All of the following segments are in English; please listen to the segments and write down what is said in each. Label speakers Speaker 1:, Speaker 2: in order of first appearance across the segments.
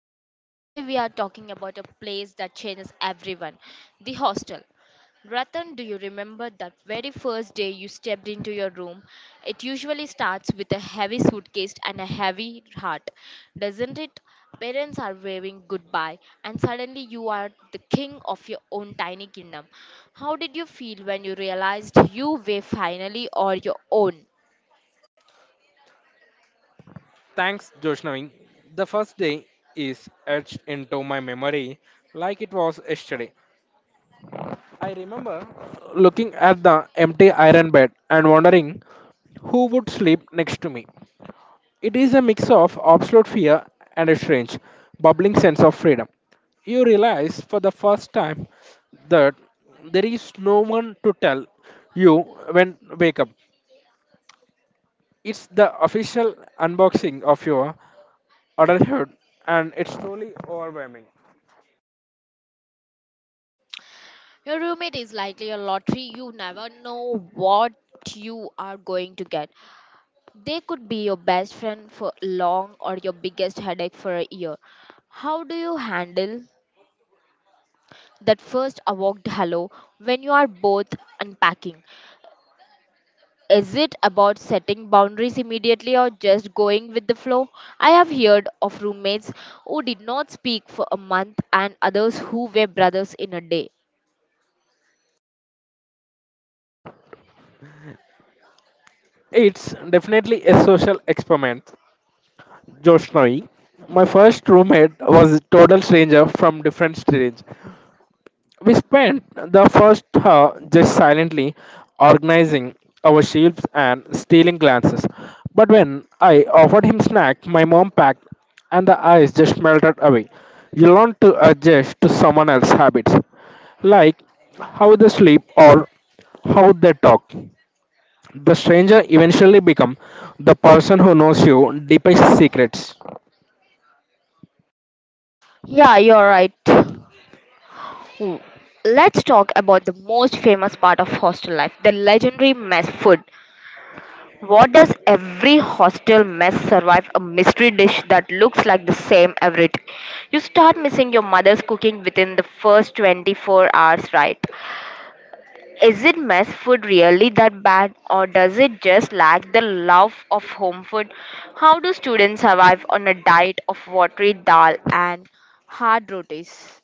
Speaker 1: to the show. Today we are talking about a place that changes everyone the hostel. Ratan, do you remember that very first day you stepped into your room? It usually starts with a heavy suitcase and a heavy heart, doesn't it? Parents are waving goodbye, and suddenly you are the king of your own tiny kingdom. How did you feel when you realized you were finally on your own?
Speaker 2: Thanks, Joshnavin. The first day is etched into my memory like it was yesterday. I remember looking at the empty iron bed and wondering who would sleep next to me. It is a mix of absolute fear and a strange, bubbling sense of freedom. You realize for the first time that there is no one to tell you when wake up. It's the official unboxing of your adulthood, and it's truly overwhelming.
Speaker 1: Your roommate is likely a lottery. You never know what you are going to get. They could be your best friend for long or your biggest headache for a year. How do you handle that first awkward hello when you are both unpacking? Is it about setting boundaries immediately or just going with the flow? I have heard of roommates who did not speak for a month and others who were brothers in a day.
Speaker 2: It's definitely a social experiment. Joshnoi, my first roommate, was a total stranger from different streets. We spent the first hour just silently organizing our sheets and stealing glances. But when I offered him snack, my mom packed and the eyes just melted away. You learn to adjust to someone else's habits, like how they sleep or how they talk. The stranger eventually becomes the person who knows your deepest secrets.
Speaker 1: Yeah, you're right. Hmm. Let's talk about the most famous part of hostel life the legendary mess food. What does every hostel mess survive a mystery dish that looks like the same every day? You start missing your mother's cooking within the first 24 hours, right? Is it mess food really that bad, or does it just lack the love of home food? How do students survive on a diet of watery dal and hard rotis?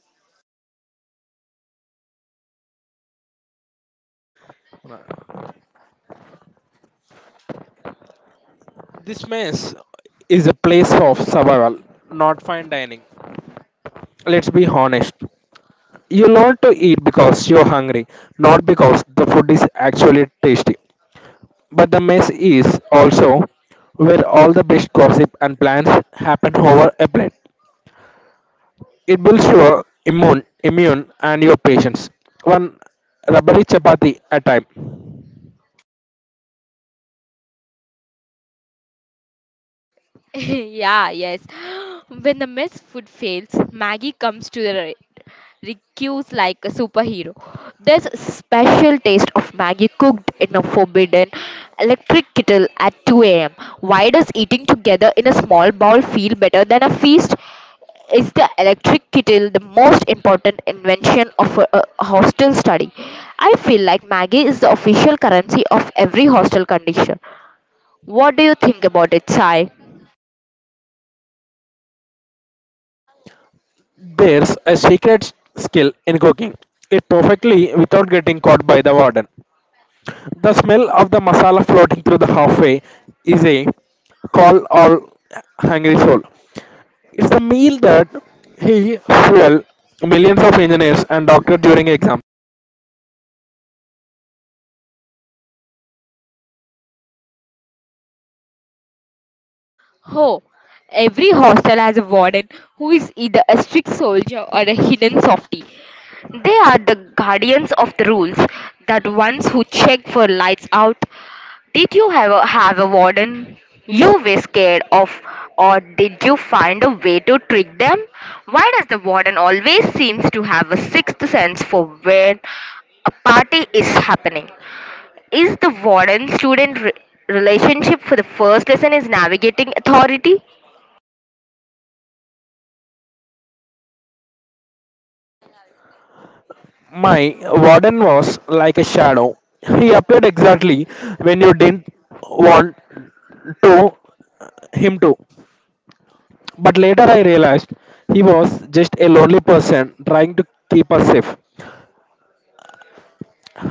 Speaker 2: This mess is a place of survival, not fine dining. Let's be honest. You learn to eat because you're hungry, not because the food is actually tasty. But the mess is also where all the best gossip and plans happen over a plate. It builds your immune and your patience. One rubbery chapati at a time.
Speaker 1: Yeah, yes. When the mess food fails, Maggie comes to the rescue like a superhero. There's a special taste of Maggie cooked in a forbidden electric kettle at 2 a.m. Why does eating together in a small bowl feel better than a feast? Is the electric kettle the most important invention of a hostel study? I feel like Maggie is the official currency of every hostel condition. What do you think about it, Sai?
Speaker 2: There's a secret skill in cooking it perfectly without getting caught by the warden. The smell of the masala floating through the halfway is a call all hungry soul. It's the meal that he fueled millions of engineers and doctors during exams.
Speaker 1: Oh, every hostel has a warden who is either a strict soldier or a hidden softie. They are the guardians of the rules, that ones who check for lights out. Did you ever have a warden you were scared of, or did you find a way to trick them? Why does the warden always seems to have a sixth sense for when a party is happening? Is the warden student relationship for the first lesson is navigating authority?
Speaker 2: My warden was like a shadow. He appeared exactly when you didn't want to him to. But later I realized he was just a lonely person trying to keep us safe.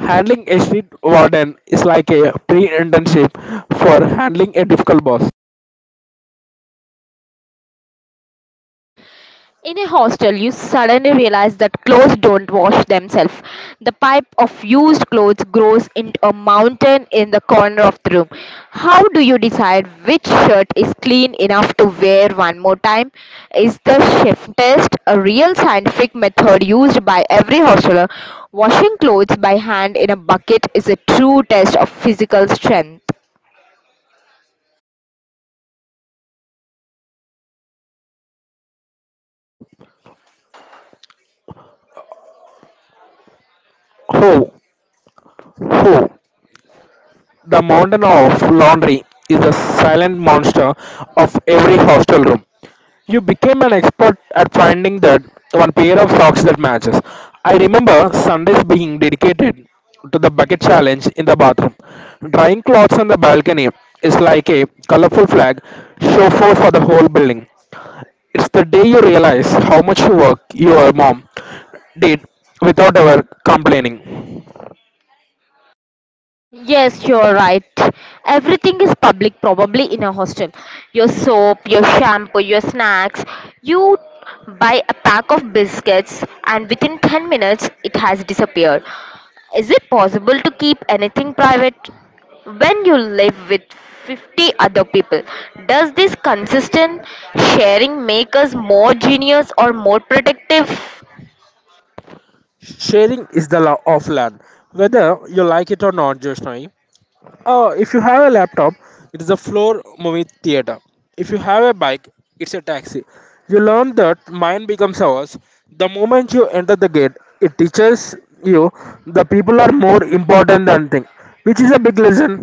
Speaker 2: Handling a street warden is like a pre internship for handling a difficult boss.
Speaker 1: In a hostel, you suddenly realize that clothes don't wash themselves. The pipe of used clothes grows into a mountain in the corner of the room. How do you decide which shirt is clean enough to wear one more time? Is the shift test a real scientific method used by every hosteler? Washing clothes by hand in a bucket is a true test of physical strength.
Speaker 2: Ho, ho. The mountain of laundry is a silent monster of every hostel room. You became an expert at finding that one pair of socks that matches. I remember Sundays being dedicated to the bucket challenge in the bathroom. Drying clothes on the balcony is like a colorful flag show forth for the whole building. It's the day you realize how much work your mom did without ever complaining.
Speaker 1: Yes, you're right. Everything is public, probably in a hostel. Your soap, your shampoo, your snacks. You buy a pack of biscuits, and within 10 minutes, it has disappeared. Is it possible to keep anything private? When you live with 50 other people, does this consistent sharing make us more genius or more protective?
Speaker 2: Sharing is the law of land, whether you like it or not, Joshnai. Oh, if you have a laptop, it is a floor movie theater. If you have a bike, it's a taxi. You learn that mine becomes ours. The moment you enter the gate, it teaches you the people are more important than things, which is a big lesson.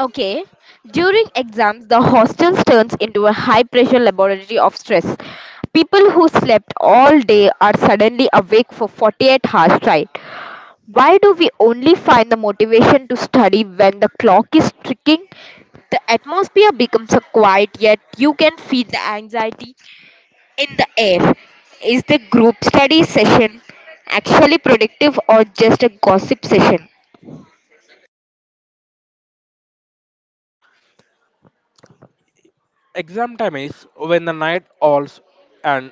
Speaker 1: Okay. During exams, the hostels turns into a high-pressure laboratory of stress. People who slept all day are suddenly awake for 48 hours straight. Why do we only find the motivation to study when the clock is ticking? The atmosphere becomes a quiet, yet you can feel the anxiety in the air. Is the group study session actually productive or just a gossip session?
Speaker 2: Exam time is when the night owls and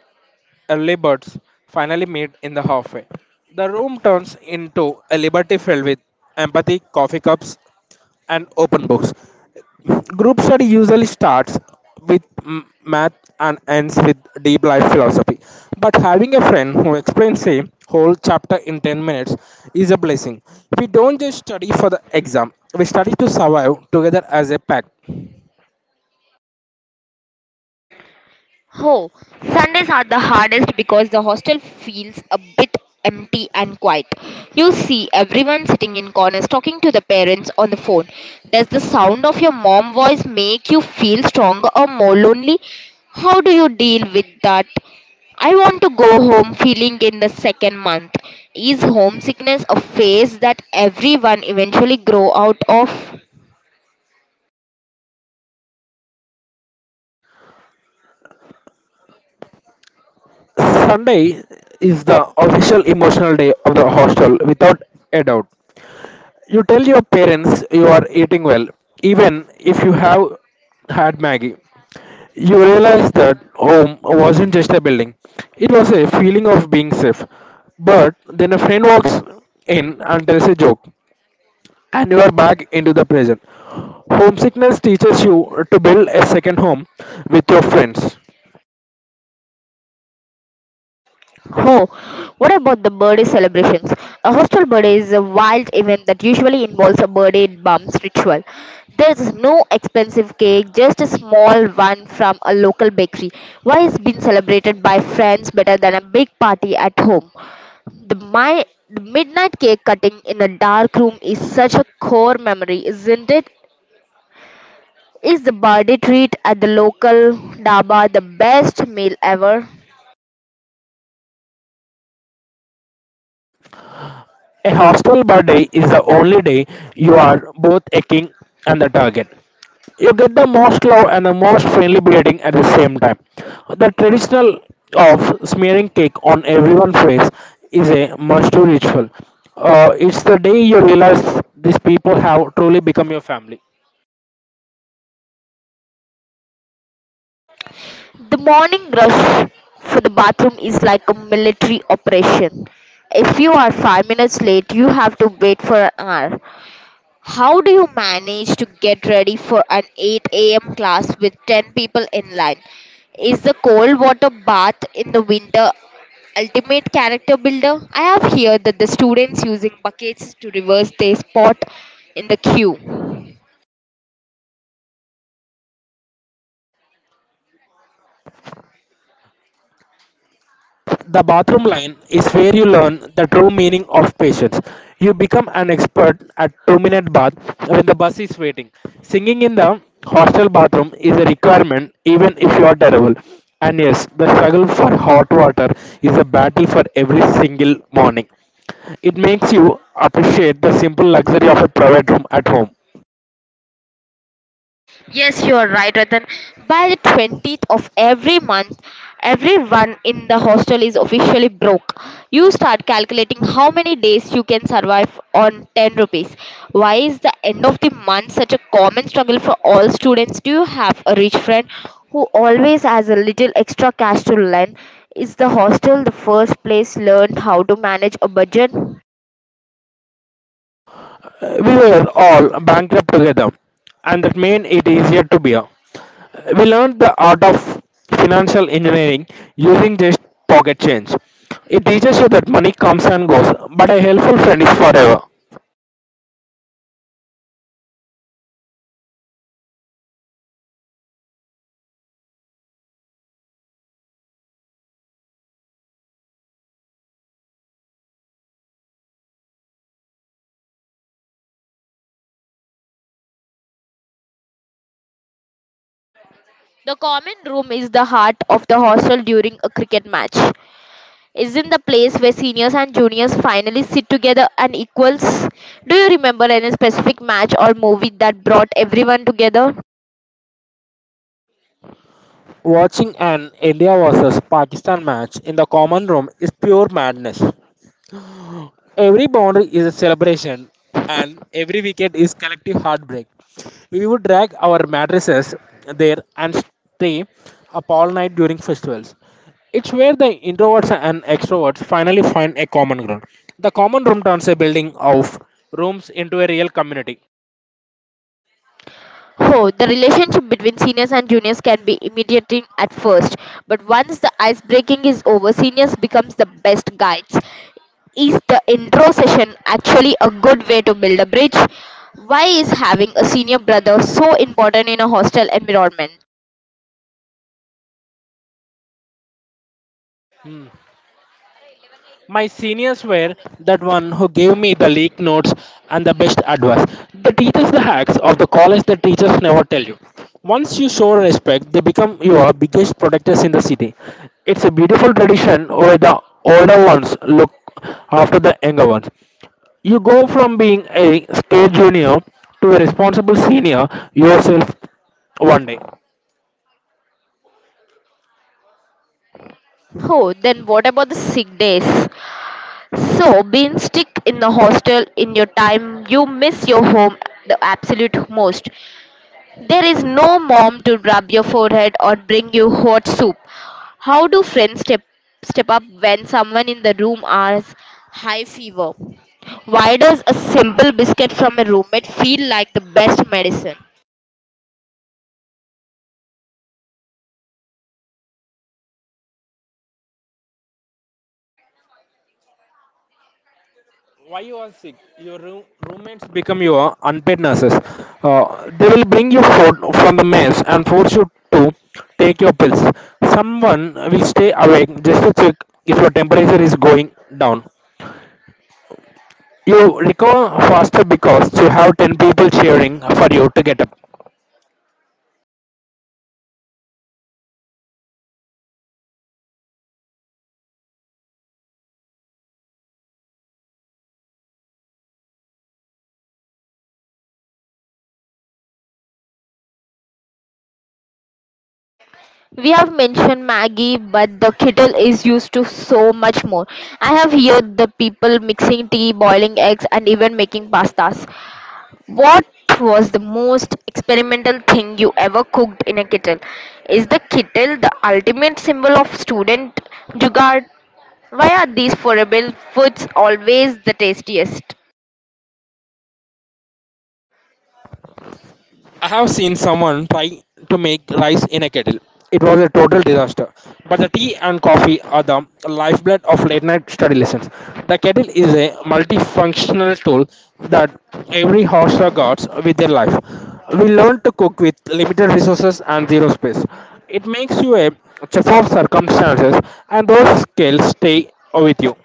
Speaker 2: early birds finally meet in the halfway. The room turns into a liberty filled with empathy, coffee cups, and open books. Group study usually starts with math and ends with deep life philosophy. But having a friend who explains a whole chapter in 10 minutes is a blessing. We don't just study for the exam, we study to survive together as a pack.
Speaker 1: Oh, Sundays are the hardest because the hostel feels a bit empty and quiet. You see everyone sitting in corners talking to the parents on the phone. Does the sound of your mom voice make you feel stronger or more lonely? How do you deal with that? I want to go home feeling in the second month. Is homesickness a phase that everyone eventually grow out of?
Speaker 2: Sunday is the official emotional day of the hostel without a doubt. You tell your parents you are eating well, even if you have had Maggie. You realize that home wasn't just a building, it was a feeling of being safe. But then a friend walks in and tells a joke, and you are back into the present. Homesickness teaches you to build a second home with your friends.
Speaker 1: Oh, what about the birthday celebrations? A hostel birthday is a wild event that usually involves a birthday bumps ritual. There's no expensive cake, just a small one from a local bakery. Why is being celebrated by friends better than a big party at home? The midnight cake cutting in a dark room is such a core memory, isn't it? Is the birthday treat at the local daba the best meal ever?
Speaker 2: A hostile birthday is the only day you are both a king and the target. You get the most love and the most friendly greeting at the same time. The traditional of smearing cake on everyone's face is a must-do ritual. It's the day you realize these people have truly become your family.
Speaker 1: The morning rush for the bathroom is like a military operation. If you are 5 minutes late, you have to wait for an hour. How do you manage to get ready for an 8 a.m. class with 10 people in line? Is the cold water bath in the winter ultimate character builder? I have heard that the students using buckets to reverse their spot in the queue.
Speaker 2: The bathroom line is where you learn the true meaning of patience. You become an expert at 2 minute bath when the bus is waiting. Singing in the hostel bathroom is a requirement even if you are terrible. And yes, the struggle for hot water is a battle for every single morning. It makes you appreciate the simple luxury of a private room at home.
Speaker 1: Yes, you are right, Ratan. By the 20th of every month, everyone in the hostel is officially broke. You start calculating how many days you can survive on 10 rupees. Why is the end of the month such a common struggle for all students? Do you have a rich friend who always has a little extra cash to lend? Is the hostel the first place learned how to manage a budget? The
Speaker 2: We were all bankrupt together, and that made it easier to bear. We learned the art of financial engineering using just pocket change. It teaches you that money comes and goes, but a helpful friend is forever.
Speaker 1: common room is the heart of the hostel during a cricket match. Isn't the place where seniors and juniors finally sit together and equals. Do you remember any specific match or movie that brought everyone together?
Speaker 2: Watching an India versus Pakistan match in the common room is pure madness. Every boundary is a celebration, and every weekend is collective heartbreak. We would drag our mattresses there and stay up all night during festivals. It's where the introverts and extroverts finally find a common ground. The common room turns a building of rooms into a real community.
Speaker 1: Oh, the relationship between seniors and juniors can be intimidating at first, but once the ice breaking is over, seniors becomes the best guides. Is the intro session actually a good way to build a bridge? Why is having a senior brother so important in a hostel environment?
Speaker 2: My seniors were that one who gave me the leak notes and the best advice. The teachers, the hacks of the college that teachers never tell you. Once you show respect, they become your biggest protectors in the city. It's a beautiful tradition where the older ones look after the younger ones. You go from being a scared junior to a responsible senior yourself one day.
Speaker 1: Oh, then what about the sick days? So, being stuck in the hostel in your time, you miss your home the absolute most. There is no mom to rub your forehead or bring you hot soup. How do friends step up when someone in the room has high fever? Why does a simple biscuit from a roommate feel like the best medicine?
Speaker 2: Why you are sick your room, roommates become your unpaid nurses. They will bring you food from the mess and force you to take your pills. Someone will stay awake just to check if your temperature is going down. You recover faster because you have 10 people cheering for you to get up.
Speaker 1: We have mentioned Maggie, but the kettle is used to so much more. I have heard the people mixing tea, boiling eggs, and even making pastas. What was the most experimental thing you ever cooked in a kettle? Is the kettle the ultimate symbol of student jugaad? Why are these forever foods always the tastiest?
Speaker 2: I have seen someone try to make rice in a kettle. It was a total disaster. But the tea and coffee are the lifeblood of late night study lessons. The kettle is a multifunctional tool that every hostel guards with their life. We learn to cook with limited resources and zero space. It makes you a chef of circumstances, and those skills stay with you.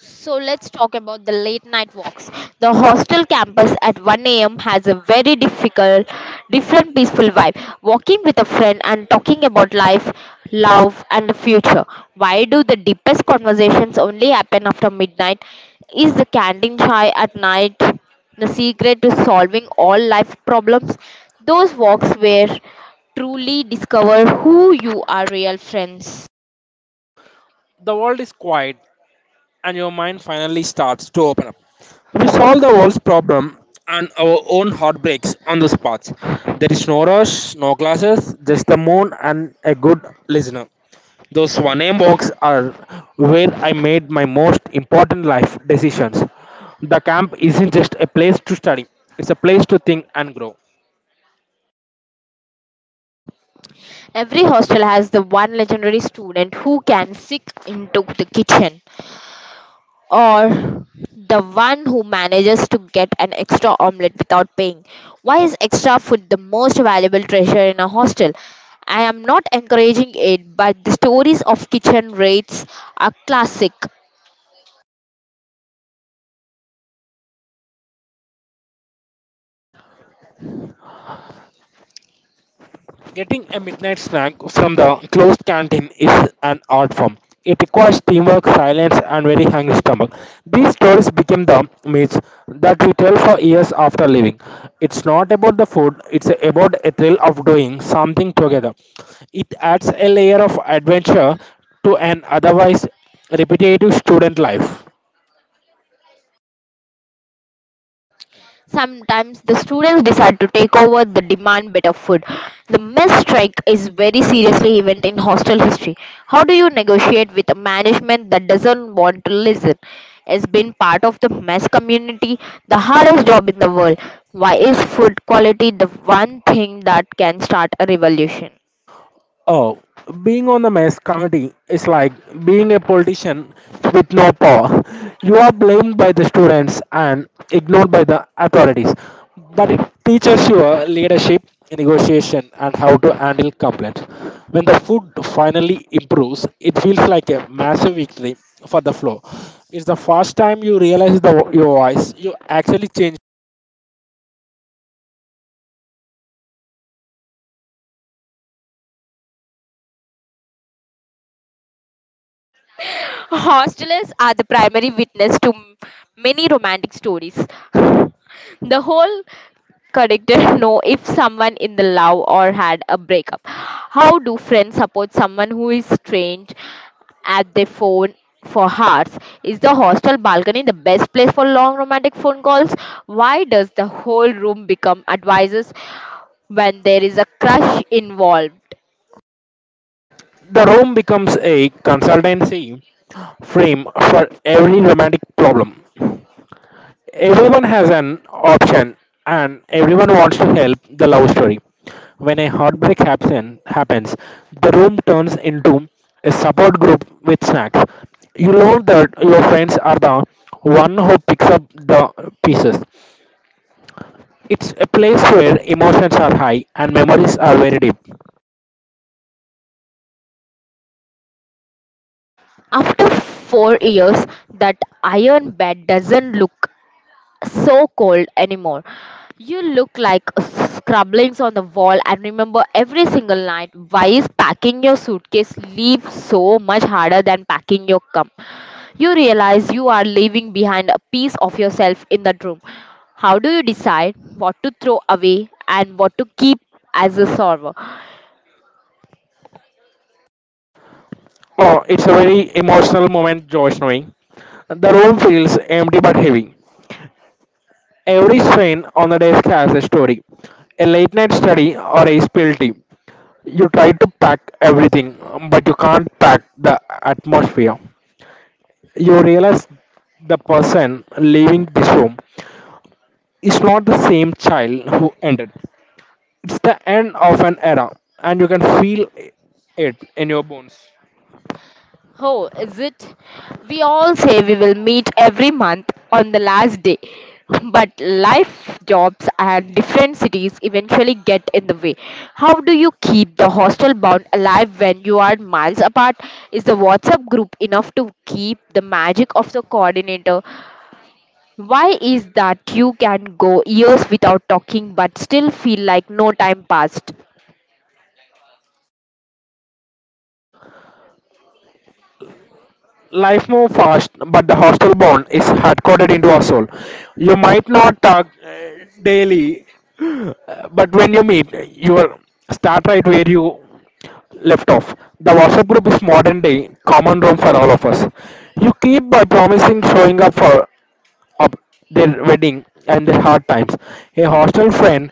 Speaker 1: So let's talk about the late night walks. The hostel campus at 1 a.m. has a very different peaceful vibe. Walking with a friend and talking about life, love, and the future. Why do the deepest conversations only happen after midnight? Is the canteen chai at night the secret to solving all life problems? Those walks where truly discover who you are real friends.
Speaker 2: The world is quiet and your mind finally starts to open up. We solve the world's problem and our own heartbreaks on the spots. There is no rush, no glasses, just the moon and a good listener. Those 1 a.m. walks are where I made my most important life decisions. The camp isn't just a place to study, it's a place to think and grow.
Speaker 1: Every hostel has the one legendary student who can sneak into the kitchen or the one who manages to get an extra omelette without paying. Why is extra food the most valuable treasure in a hostel? I am not encouraging it, but the stories of kitchen raids are classic.
Speaker 2: Getting a midnight snack from the closed canteen is an art form. It requires teamwork, silence, and very hungry stomach. These stories became the myths that we tell for years after leaving. It's not about the food, it's about a thrill of doing something together. It adds a layer of adventure to an otherwise repetitive student life.
Speaker 1: Sometimes the students decide to take over the demand better food. The mess strike is very seriously event in hostel history. How do you negotiate with a management that doesn't want to listen? As being part of the mess community, the hardest job in the world. Why is food quality the one thing that can start a revolution?
Speaker 2: Oh, being on the mass committee is like being a politician with no power. You are blamed by the students and ignored by the authorities. But it teaches you leadership, negotiation, and how to handle complaints. When the food finally improves, it feels like a massive victory for the floor. It's the first time you realize the, your voice, you actually change.
Speaker 1: Hostelers are the primary witness to many romantic stories. The whole correct. No, if someone in the love or had a breakup, how do friends support someone who is strange at their phone for hours? Is the hostel balcony the best place for long romantic phone calls? Why does the whole room become advisors when there is a crush involved?
Speaker 2: The room becomes a consultancy frame for every romantic problem. Everyone has an option, and everyone wants to help the love story. When a heartbreak happens, the room turns into a support group with snacks. You learn that your friends are the one who picks up the pieces. It's a place where emotions are high and memories are very deep.
Speaker 1: After 4 years, that iron bed doesn't look so cold anymore. You look like scribblings on the wall and remember every single night why is packing your suitcase leave so much harder than packing your cup. You realize you are leaving behind a piece of yourself in that room. How do you decide what to throw away and what to keep as a server?
Speaker 2: Oh, it's a very emotional moment, Josh knowing. The room feels empty but heavy. Every strain on the desk has a story, a late night study, or a spill tea. You try to pack everything, but you can't pack the atmosphere. You realize the person leaving this room is not the same child who ended. It's the end of an era, and you can feel it in your bones.
Speaker 1: Oh, is it? We all say we will meet every month on the last day. But life, jobs, and different cities eventually get in the way. How do you keep the hostel bond alive when you are miles apart? Is the WhatsApp group enough to keep the magic of the coordinator? Why is that you can go years without talking but still feel like no time passed?
Speaker 2: Life moves fast, but the hostel bond is hard coded into our soul. You might not talk daily, but when you meet you will start right where you left off. The whatsapp group is modern day common room for all of us. You keep by promising showing up for up their wedding and their hard times. A hostel friend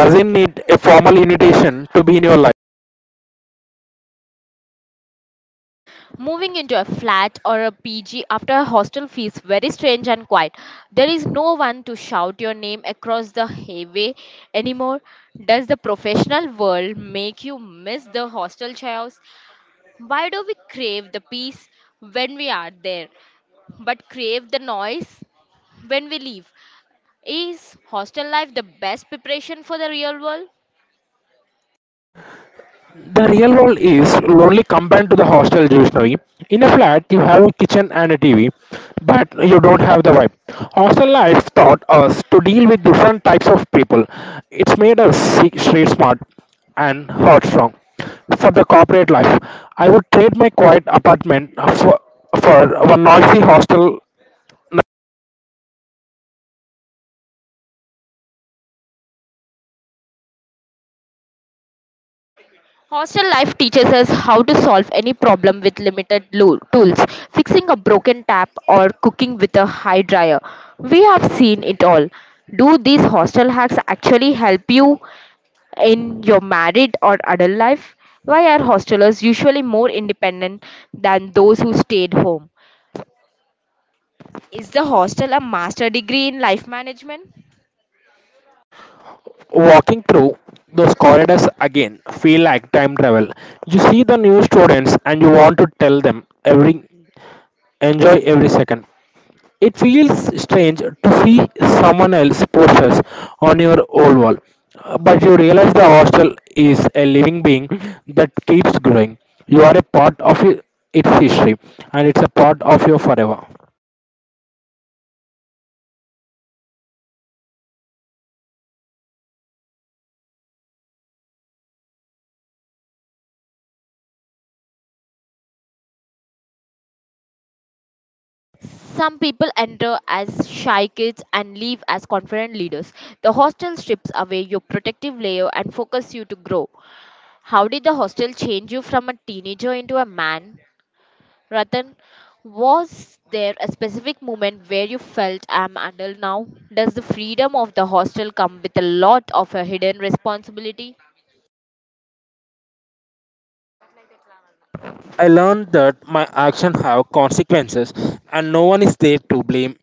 Speaker 2: doesn't need a formal invitation to be in your life.
Speaker 1: Moving into a flat or a PG after a hostel feels very strange and quiet. There is no one to shout your name across the highway anymore. Does the professional world make you miss the hostel chaos? Why do we crave the peace when we are there, but crave the noise when we leave? Is hostel life the best preparation for the real world?
Speaker 2: The real world is lonely compared to the hostel usually. In a flat, you have a kitchen and a TV, but you don't have the vibe. Hostel life taught us to deal with different types of people. It's made us street smart and heart strong. For the corporate life, I would trade my quiet apartment for, for one noisy hostel.
Speaker 1: Hostel life teaches us how to solve any problem with limited tools, fixing a broken tap or cooking with a high dryer. We have seen it all. Do these hostel hacks actually help you in your married or adult life? Why are hostelers usually more independent than those who stayed home? Is the hostel a master degree in life management?
Speaker 2: Walking through those corridors again feel like time travel. You see the new students and you want to tell them every. Enjoy every second. It feels strange to see someone else's posters on your old wall, but you realize the hostel is a living being that keeps growing. You are a part of its history, and it's a part of your forever.
Speaker 1: Some people enter as shy kids and leave as confident leaders. The hostel strips away your protective layer and focuses you to grow. How did the hostel change you from a teenager into a man, Ratan? Was there a specific moment where you felt I'm adult now? Does the freedom of the hostel come with a lot of a hidden responsibility?
Speaker 2: I learned that my actions have consequences, and no one is there to blame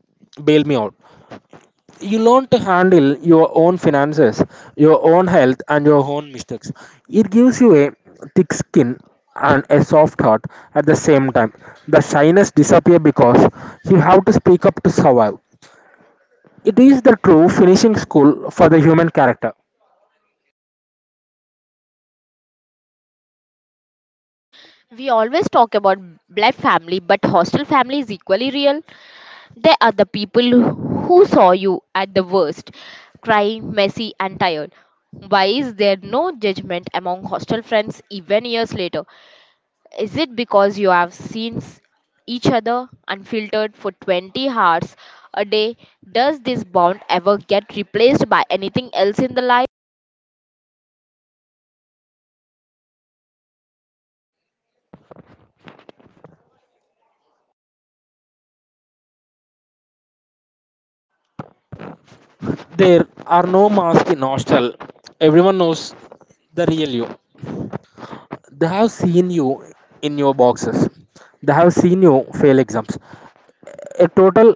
Speaker 2: bail me out. You learn to handle your own finances, your own health, and your own mistakes. It gives you a thick skin and a soft heart at the same time. The shyness disappears because you have to speak up to survive. It is the true finishing school for the human character.
Speaker 1: We always talk about blood family, but hostel family is equally real. They are the people who saw you at the worst, crying, messy, and tired. Why is there no judgment among hostel friends even years later? Is it because you have seen each other unfiltered for 20 hours a day? Does this bond ever get replaced by anything else in the life?
Speaker 2: There are no masks in hostel. Everyone knows the real you. They have seen you in your boxes. They have seen you fail exams. A total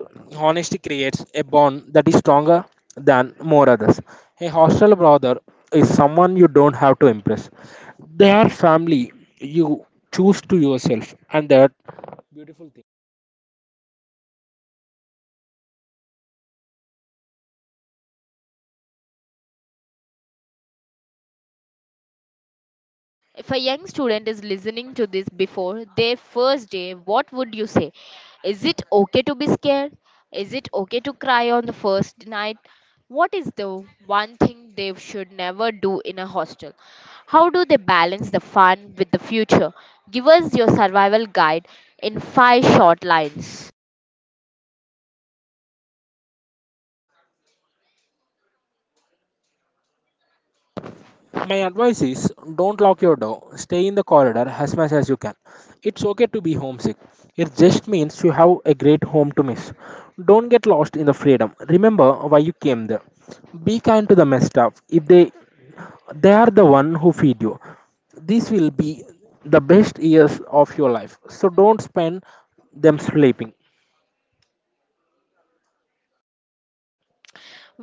Speaker 2: honesty creates a bond that is stronger than more others. A hostile brother is someone you don't have to impress. They are family you choose to yourself, and that beautiful thing.
Speaker 1: If a young student is listening to this before their first day, what would you say? Is it okay to be scared? Is it okay to cry on the first night? What is the one thing they should never do in a hostel? How do they balance the fun with the future? Give us your survival guide in five short lines.
Speaker 2: My advice is don't lock your door. Stay in the corridor as much as you can. It's okay to be homesick. It just means you have a great home to miss. Don't get lost in the freedom. Remember why you came there. Be kind to the messed up. If they they are the one who feed you. These will be the best years of your life. So don't spend them sleeping.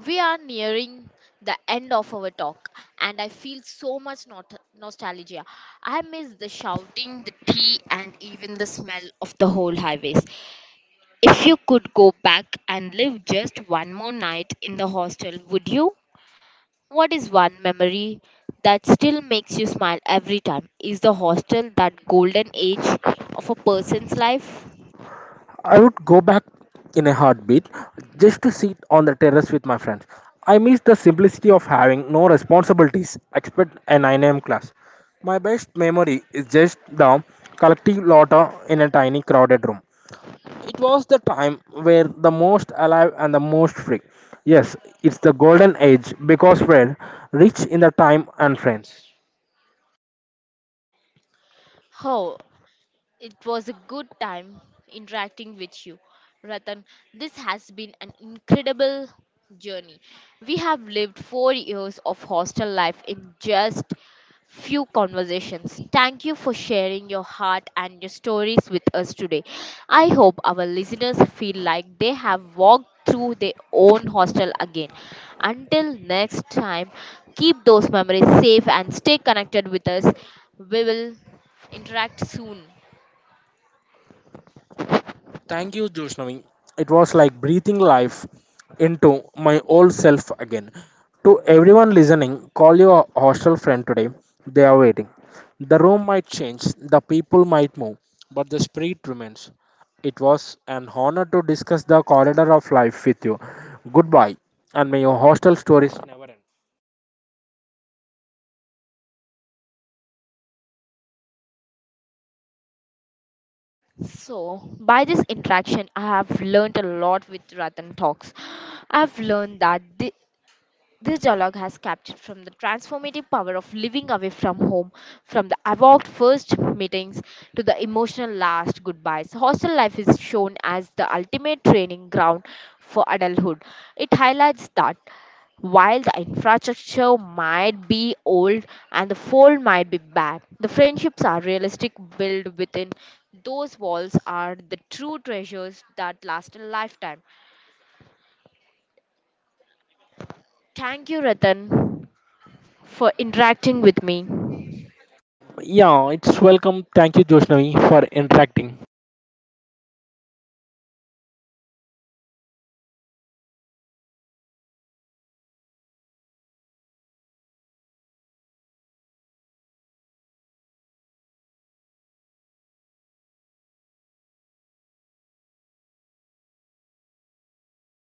Speaker 1: We are nearing the end of our talk, and I feel so much nostalgia. I miss the shouting, the tea, and even the smell of the whole highways. If you could go back and live just one more night in the hostel, would you? What is one memory that still makes you smile every time? Is the hostel that golden age of a person's life?
Speaker 2: I would go back in a heartbeat just to sit on the terrace with my friends. I miss the simplicity of having no responsibilities except a 9 a.m. class. My best memory is just the collective laughter in a tiny crowded room. It was the time where the most alive and the most free. Yes, it's the golden age because we're rich in the time and friends.
Speaker 1: Oh, it was a good time interacting with you, Ratan. This has been an incredible journey. We have lived 4 years of hostel life in just few conversations. Thank you for sharing your heart and your stories with us today. I hope our listeners feel like they have walked through their own hostel again. Until next time, keep those memories safe and stay connected with us. We will interact soon.
Speaker 2: Thank you, Joshnavi. It was like breathing life into my old self again. To everyone listening, call your hostel friend today. They are waiting. The room might change, the people might move, but the spirit remains. It was an honor to discuss the corridor of life with you. Goodbye, and may your hostel stories never end.
Speaker 1: So, by this interaction, I have learned a lot with Ratan Talks. I've learned that this dialogue has captured from the transformative power of living away from home, from the evolved first meetings to the emotional last goodbyes. Hostel life is shown as the ultimate training ground for adulthood. It highlights that while the infrastructure might be old and the fold might be bad, the friendships are realistic, built within those walls are the true treasures that last a lifetime. Thank you, Ratan, for interacting with me.
Speaker 2: Yeah, it's welcome. Thank you, Joshnavi, for interacting.